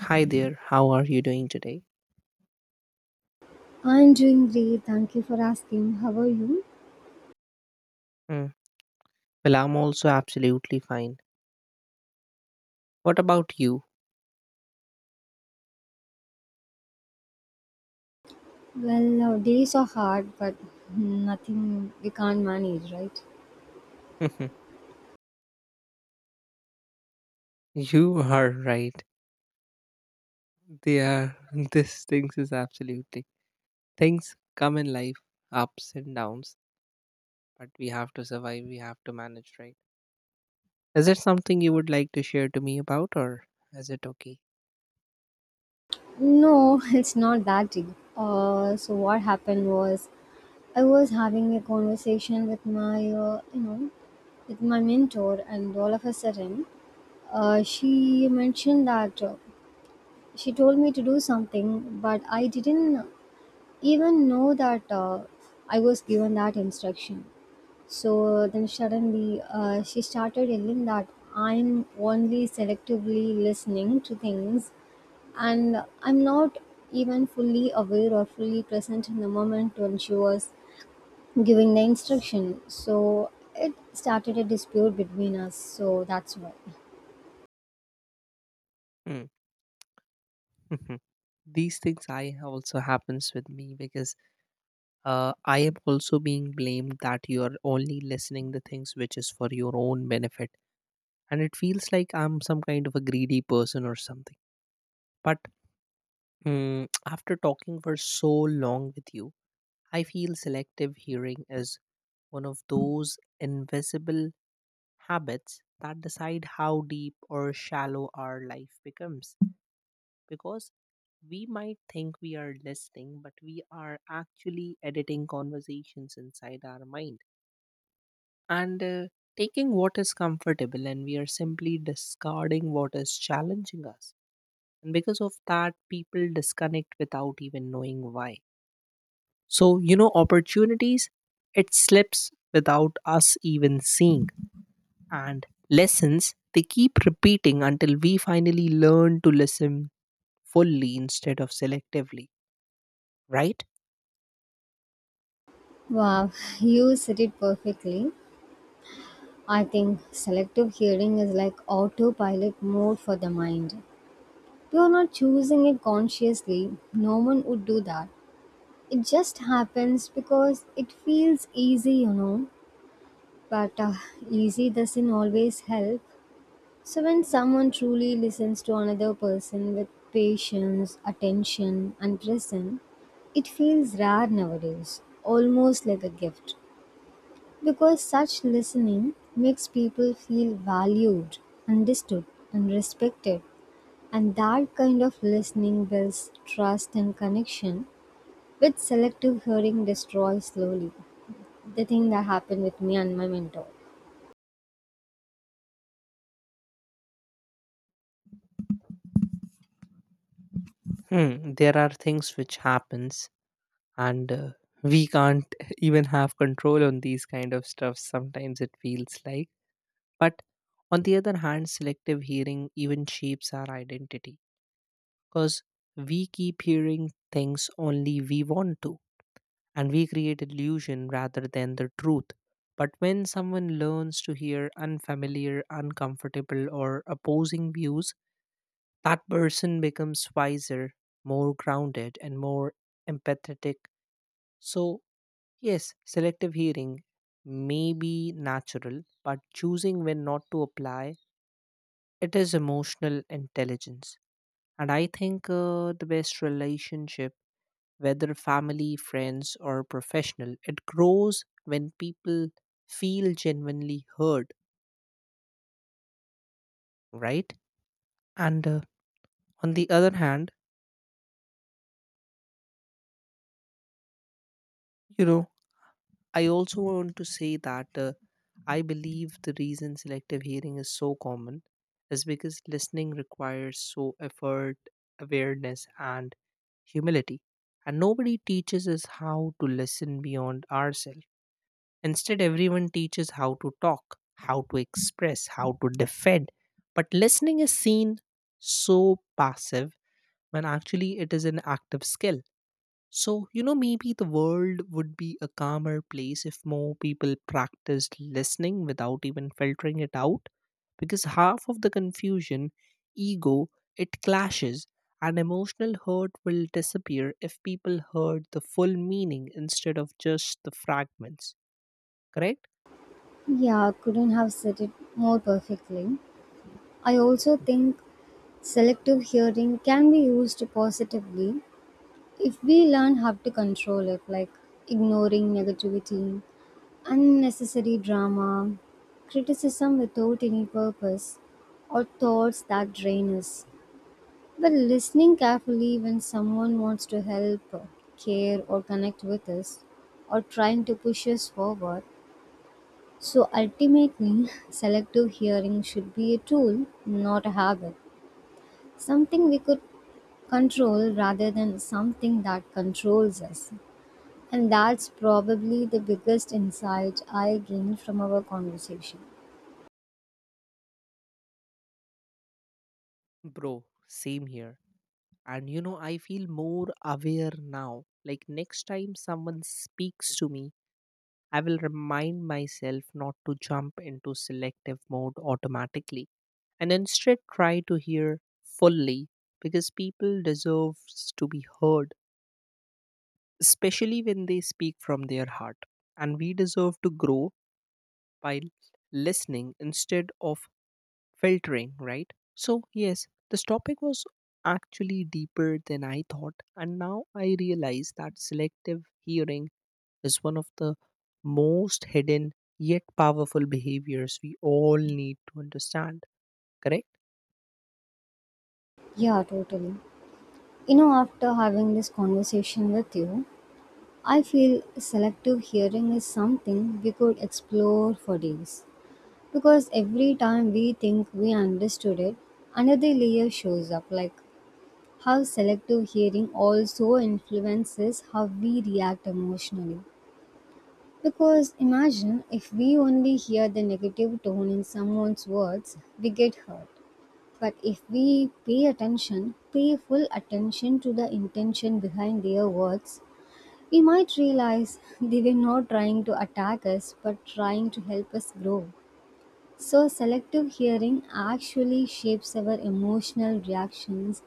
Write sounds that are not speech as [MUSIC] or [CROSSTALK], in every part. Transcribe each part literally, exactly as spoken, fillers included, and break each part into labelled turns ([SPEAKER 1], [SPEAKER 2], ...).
[SPEAKER 1] Hi there, how are you doing today?
[SPEAKER 2] I'm doing great. Thank you for asking. How are you?
[SPEAKER 1] Mm. Well, I'm also absolutely fine. What about you?
[SPEAKER 2] Well, uh, days are hard, but nothing we can't manage, right?
[SPEAKER 1] [LAUGHS] You are right. They are, [LAUGHS] this things is absolutely. Things come in life, ups and downs, but we have to survive, we have to manage, right? Is it something you would like to share to me about, or is it okay?
[SPEAKER 2] No, [LAUGHS] it's not that deep. Uh, so what happened was, I was having a conversation with my, uh, you know, with my mentor, and all of a sudden, uh, she mentioned that uh, she told me to do something, but I didn't even know that uh, I was given that instruction. So then suddenly uh, she started yelling that I'm only selectively listening to things and I'm not even fully aware or fully present in the moment when she was giving the instruction. So it started a dispute between us. So that's why.
[SPEAKER 1] Mm. [LAUGHS] These things I also happens with me because uh, I am also being blamed that you are only listening the things which is for your own benefit, and it feels like I'm some kind of a greedy person or something. But mm, after talking for so long with you, I feel selective hearing is one of those invisible habits that decide how deep or shallow our life becomes. Because we might think we are listening, but we are actually editing conversations inside our mind, and uh, taking what is comfortable, and we are simply discarding what is challenging us. And because of that, people disconnect without even knowing why. So, you know, opportunities, it slips without us even seeing. And lessons, they keep repeating until we finally learn to listen fully instead of selectively, right?
[SPEAKER 2] Wow, [LAUGHS] you said it perfectly. I think selective hearing is like autopilot mode for the mind. You are not choosing it consciously. No one would do that. It just happens because it feels easy, you know. But uh, easy doesn't always help. So, when someone truly listens to another person with patience, attention, and presence, it feels rare nowadays, almost like a gift. Because such listening makes people feel valued, understood, and respected. And that kind of listening builds trust and connection, which selective hearing destroys slowly. The thing that happened with me and my mentor.
[SPEAKER 1] Hmm, there are things which happens, and uh, we can't [LAUGHS] even have control on these kind of stuff. Sometimes it feels like. But on the other hand, selective hearing even shapes our identity, because we keep hearing things only we want to, and we create illusion rather than the truth. But when someone learns to hear unfamiliar, uncomfortable or opposing views, that person becomes wiser, more grounded and more empathetic. So yes, selective hearing may be natural, but choosing when not to apply it is emotional intelligence. And I think uh, the best relationship, whether family, friends, or professional. It grows when people feel genuinely heard, right? And uh, on the other hand, you know, I also want to say that uh, I believe the reason selective hearing is so common is because listening requires so effort, awareness, and humility. And nobody teaches us how to listen beyond ourselves. Instead, everyone teaches how to talk, how to express, how to defend. But listening is seen so passive, when actually it is an active skill. So, you know, maybe the world would be a calmer place if more people practiced listening without even filtering it out. Because half of the confusion, ego, it clashes, and emotional hurt will disappear if people heard the full meaning instead of just the fragments. Correct?
[SPEAKER 2] Yeah, couldn't have said it more perfectly. I also think selective hearing can be used positively if we learn how to control it, like ignoring negativity, unnecessary drama, criticism without any purpose, or thoughts that drain us. But listening carefully when someone wants to help, care, or connect with us, or trying to push us forward. So ultimately, [LAUGHS] selective hearing should be a tool, not a habit, something we could control rather than something that controls us. And that's probably the biggest insight I gained from our conversation.
[SPEAKER 1] Bro, same here. And you know, I feel more aware now. Like next time someone speaks to me, I will remind myself not to jump into selective mode automatically, and instead try to hear fully, because people deserves to be heard, especially when they speak from their heart. And we deserve to grow by listening instead of filtering, right? So, yes, this topic was actually deeper than I thought, and now I realize that selective hearing is one of the most hidden yet powerful behaviors we all need to understand, correct?
[SPEAKER 2] Yeah, totally. You know, after having this conversation with you, I feel selective hearing is something we could explore for days. Because every time we think we understood it, another layer shows up, like how selective hearing also influences how we react emotionally. Because imagine if we only hear the negative tone in someone's words, we get hurt. But if we pay attention, pay full attention to the intention behind their words, we might realize [LAUGHS] they were not trying to attack us but trying to help us grow. So, selective hearing actually shapes our emotional reactions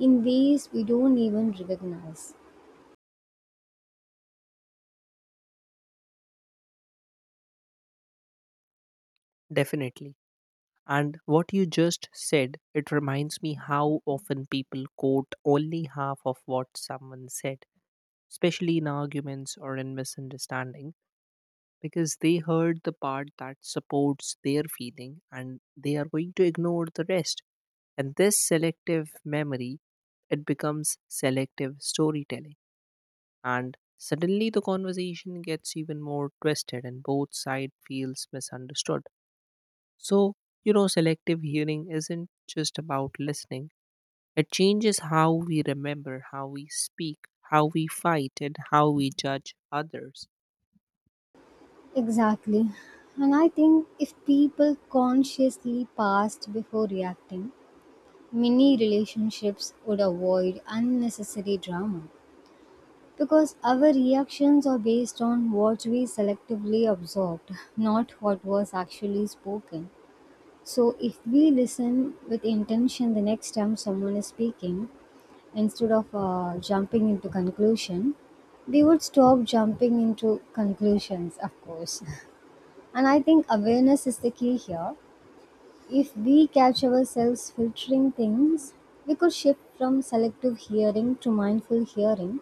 [SPEAKER 2] in ways we don't even recognize.
[SPEAKER 1] Definitely. And what you just said, it reminds me how often people quote only half of what someone said, especially in arguments or in misunderstanding. Because they heard the part that supports their feeling, and they are going to ignore the rest. And this selective memory, it becomes selective storytelling. And suddenly the conversation gets even more twisted, and both side feels misunderstood. So you know, selective hearing isn't just about listening, it changes how we remember, how we speak, how we fight and how we judge others.
[SPEAKER 2] Exactly. And I think if people consciously paused before reacting, many relationships would avoid unnecessary drama. Because our reactions are based on what we selectively absorbed, not what was actually spoken. So, if we listen with intention the next time someone is speaking, instead of uh, jumping into conclusion, we would stop jumping into conclusions, of course. [LAUGHS] And I think awareness is the key here. If we catch ourselves filtering things, we could shift from selective hearing to mindful hearing,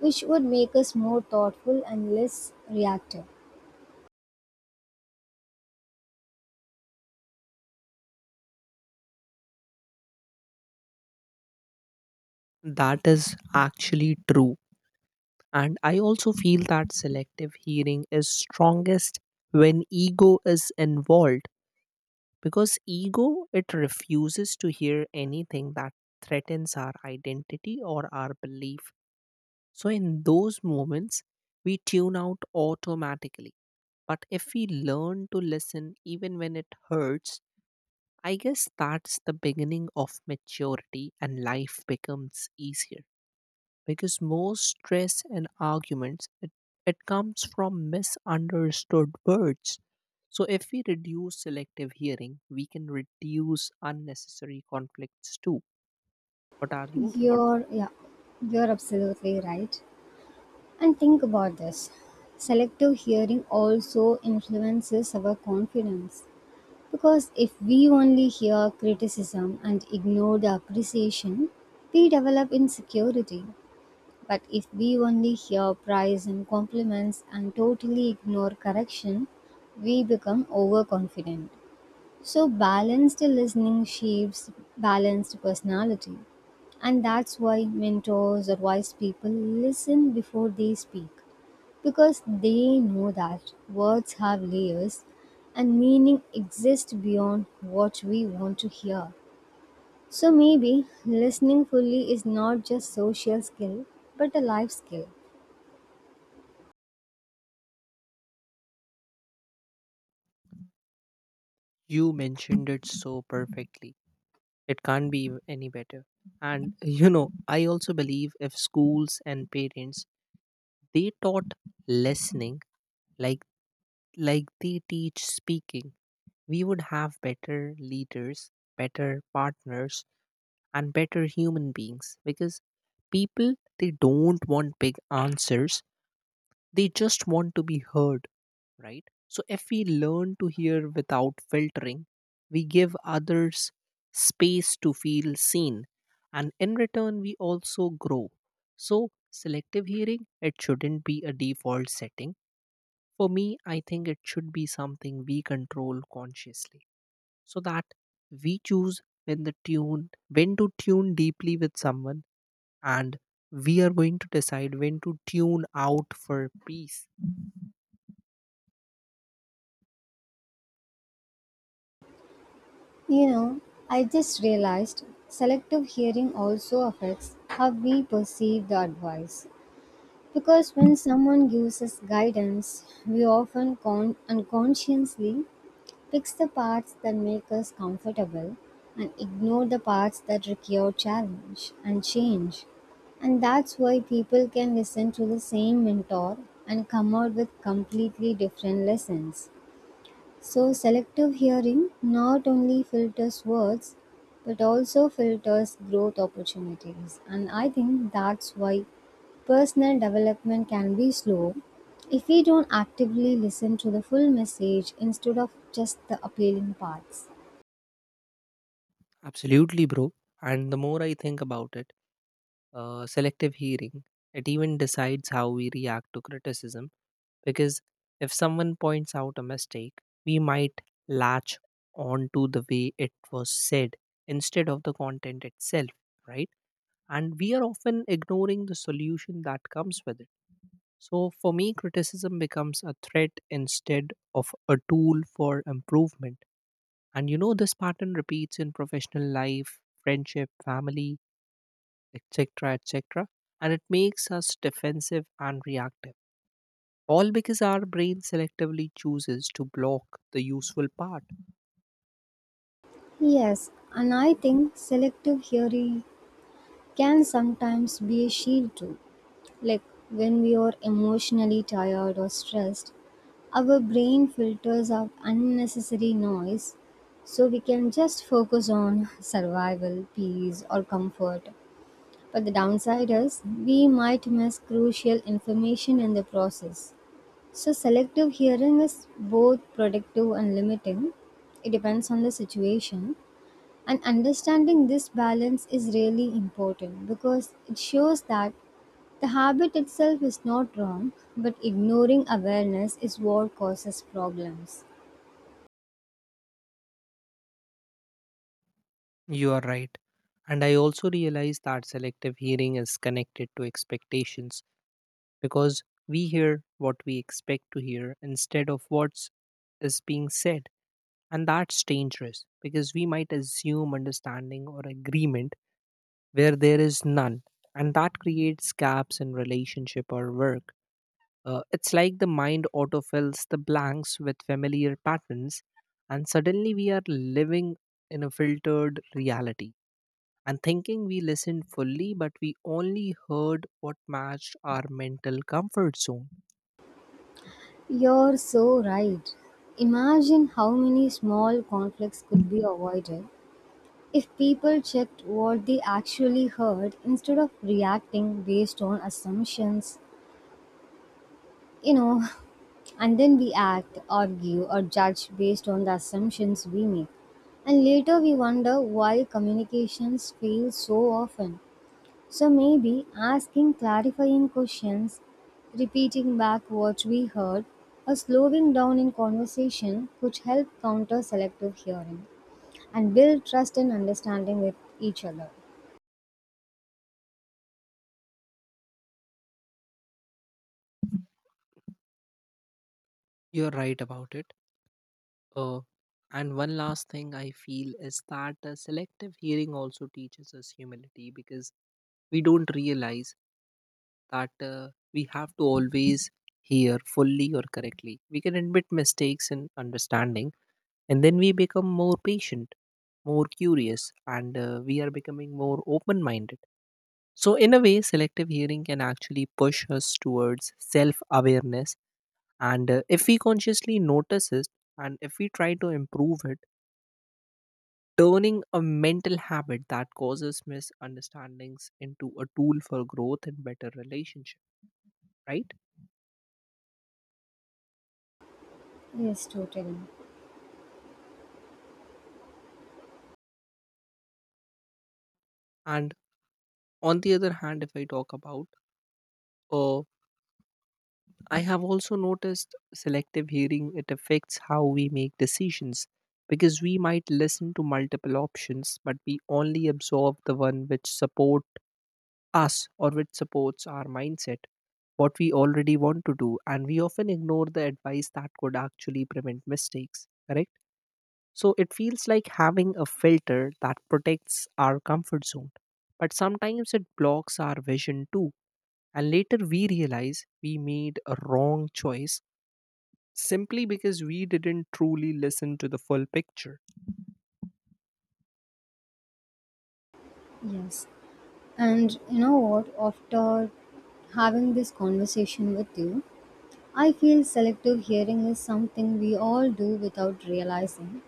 [SPEAKER 2] which would make us more thoughtful and less reactive.
[SPEAKER 1] That is actually true. And I also feel that selective hearing is strongest when ego is involved, because ego, it refuses to hear anything that threatens our identity or our belief. So in those moments, we tune out automatically. But if we learn to listen even when it hurts, I guess that's the beginning of maturity, and life becomes easier, because most stress and arguments, it, it comes from misunderstood words. So if we reduce selective hearing, we can reduce unnecessary conflicts too. What are your thoughts
[SPEAKER 2] you're
[SPEAKER 1] about it?
[SPEAKER 2] yeah you're absolutely right. And think about this. Selective hearing also influences our confidence. Because if we only hear criticism and ignore the appreciation, we develop insecurity. But if we only hear praise and compliments and totally ignore correction, we become overconfident. So, balanced listening shapes balanced personality. And that's why mentors or wise people listen before they speak, because they know that words have layers and meaning exists beyond what we want to hear. So maybe listening fully is not just social skill but a life skill.
[SPEAKER 1] You mentioned it so perfectly, it can't be any better. And you know, I also believe if schools and parents, they taught listening like like they teach speaking, we would have better leaders, better partners, and better human beings. Because people, they don't want big answers, they just want to be heard, right? So if we learn to hear without filtering, we give others space to feel seen, and in return we also grow. So selective hearing, it shouldn't be a default setting. For me, I think it should be something we control consciously, so that we choose when the tune when to tune deeply with someone, and we are going to decide when to tune out for peace.
[SPEAKER 2] You know, I just realized selective hearing also affects how we perceive the advice. Because when someone gives us guidance, we often con- unconsciously fix the parts that make us comfortable and ignore the parts that require challenge and change. And that's why people can listen to the same mentor and come out with completely different lessons. So, selective hearing not only filters words but also filters growth opportunities. And I think that's why personal development can be slow if we don't actively listen to the full message instead of just the appealing parts.
[SPEAKER 1] Absolutely, bro. And the more I think about it, uh, selective hearing, it even decides how we react to criticism, because if someone points out a mistake, we might latch on to the way it was said instead of the content itself, right? And we are often ignoring the solution that comes with it. So for me, criticism becomes a threat instead of a tool for improvement. And you know, this pattern repeats in professional life, friendship, family, et cetera, et cetera. And it makes us defensive and reactive. All because our brain selectively chooses to block the useful part.
[SPEAKER 2] Yes, and I think selective hearing can sometimes be a shield too. Like when we are emotionally tired or stressed, our brain filters out unnecessary noise so we can just focus on survival, peace, or comfort. But the downside is we might miss crucial information in the process. So, selective hearing is both productive and limiting. It depends on the situation. And understanding this balance is really important because it shows that the habit itself is not wrong, but ignoring awareness is what causes problems.
[SPEAKER 1] You are right. And I also realize that selective hearing is connected to expectations. Because we hear what we expect to hear instead of what's is being said, and that's dangerous, because we might assume understanding or agreement where there is none, and that creates gaps in relationship or work. Uh, it's like the mind autofills the blanks with familiar patterns, and suddenly we are living in a filtered reality and thinking we listened fully, but we only heard what matched our mental comfort zone.
[SPEAKER 2] You're so right. Imagine how many small conflicts could be avoided if people checked what they actually heard instead of reacting based on assumptions. You know, [LAUGHS] and then we act, argue, or judge based on the assumptions we make. And later we wonder why communications fail so often. So maybe asking clarifying questions, repeating back what we heard, or slowing down in conversation could help counter selective hearing and build trust and understanding with each other.
[SPEAKER 1] You're right about it. Uh, and one last thing I feel is that uh, selective hearing also teaches us humility, because we don't realize that uh, we have to always hear fully or correctly. We can admit mistakes in understanding, and then we become more patient, more curious, and uh, we are becoming more open minded. So, in a way, selective hearing can actually push us towards self awareness. And uh, if we consciously notice it and if we try to improve it, turning a mental habit that causes misunderstandings into a tool for growth and better relationship, right?
[SPEAKER 2] Yes, totally.
[SPEAKER 1] And on the other hand, if I talk about, uh, I have also noticed selective hearing, it affects how we make decisions, because we might listen to multiple options, but we only absorb the one which support us or which supports our mindset, what we already want to do, and we often ignore the advice that could actually prevent mistakes, correct? So it feels like having a filter that protects our comfort zone, but sometimes it blocks our vision too. And later we realize we made a wrong choice simply because we didn't truly listen to the full picture.
[SPEAKER 2] Yes. And you know what? After having this conversation with you, I feel selective hearing is something we all do without realizing,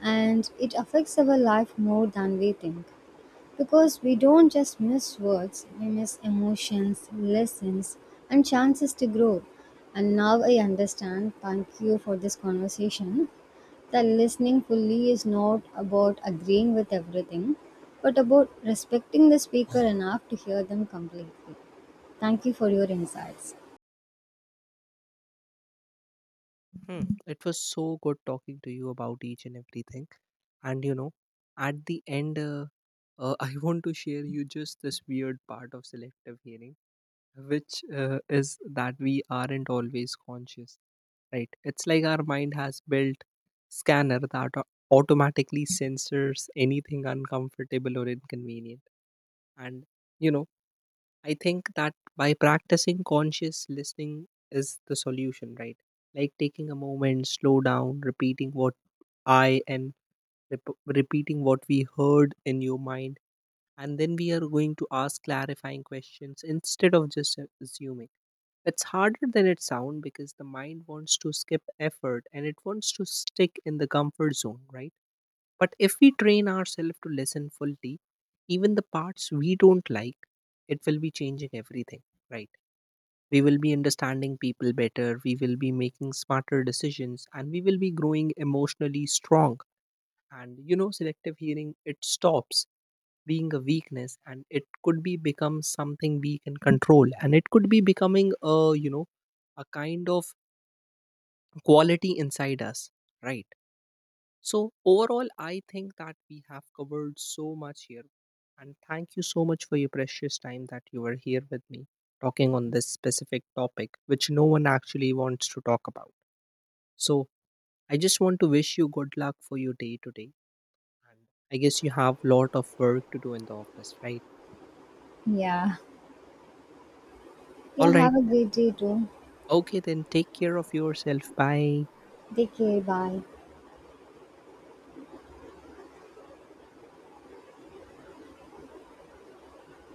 [SPEAKER 2] and it affects our life more than we think. Because we don't just miss words, we miss emotions, lessons, and chances to grow. And now I understand, thank you for this conversation, that listening fully is not about agreeing with everything, but about respecting the speaker enough to hear them completely. Thank you for your insights.
[SPEAKER 1] Hmm. It was so good talking to you about each and everything. And you know, at the end, uh, uh, [LAUGHS] I want to share you just this weird part of selective hearing, which uh, is that we aren't always conscious, right? It's like our mind has built scanner that au- automatically censors anything uncomfortable or inconvenient, and you know. I think that by practicing conscious listening is the solution, right? Like taking a moment, slow down, repeating what I and rep- repeating what we heard in your mind. And then we are going to ask clarifying questions instead of just a- assuming. It's harder than it sounds, because the mind wants to skip effort and it wants to stick in the comfort zone, right? But if we train ourselves to listen fully, even the parts we don't like, it will be changing everything, right? We will be understanding people better, we will be making smarter decisions, and we will be growing emotionally strong. And you know, selective hearing, it stops being a weakness, and it could be become something we can control, and it could be becoming a, you know, a kind of quality inside us, right? So, overall, I think that we have covered so much here. And thank you so much for your precious time that you were here with me talking on this specific topic, which no one actually wants to talk about. So, I just want to wish you good luck for your day today. And I guess you have lot of work to do in the office, right?
[SPEAKER 2] Yeah.
[SPEAKER 1] All
[SPEAKER 2] Yeah,
[SPEAKER 1] right.
[SPEAKER 2] have a great day too.
[SPEAKER 1] Okay, then take care of yourself. Bye.
[SPEAKER 2] Take care. Bye.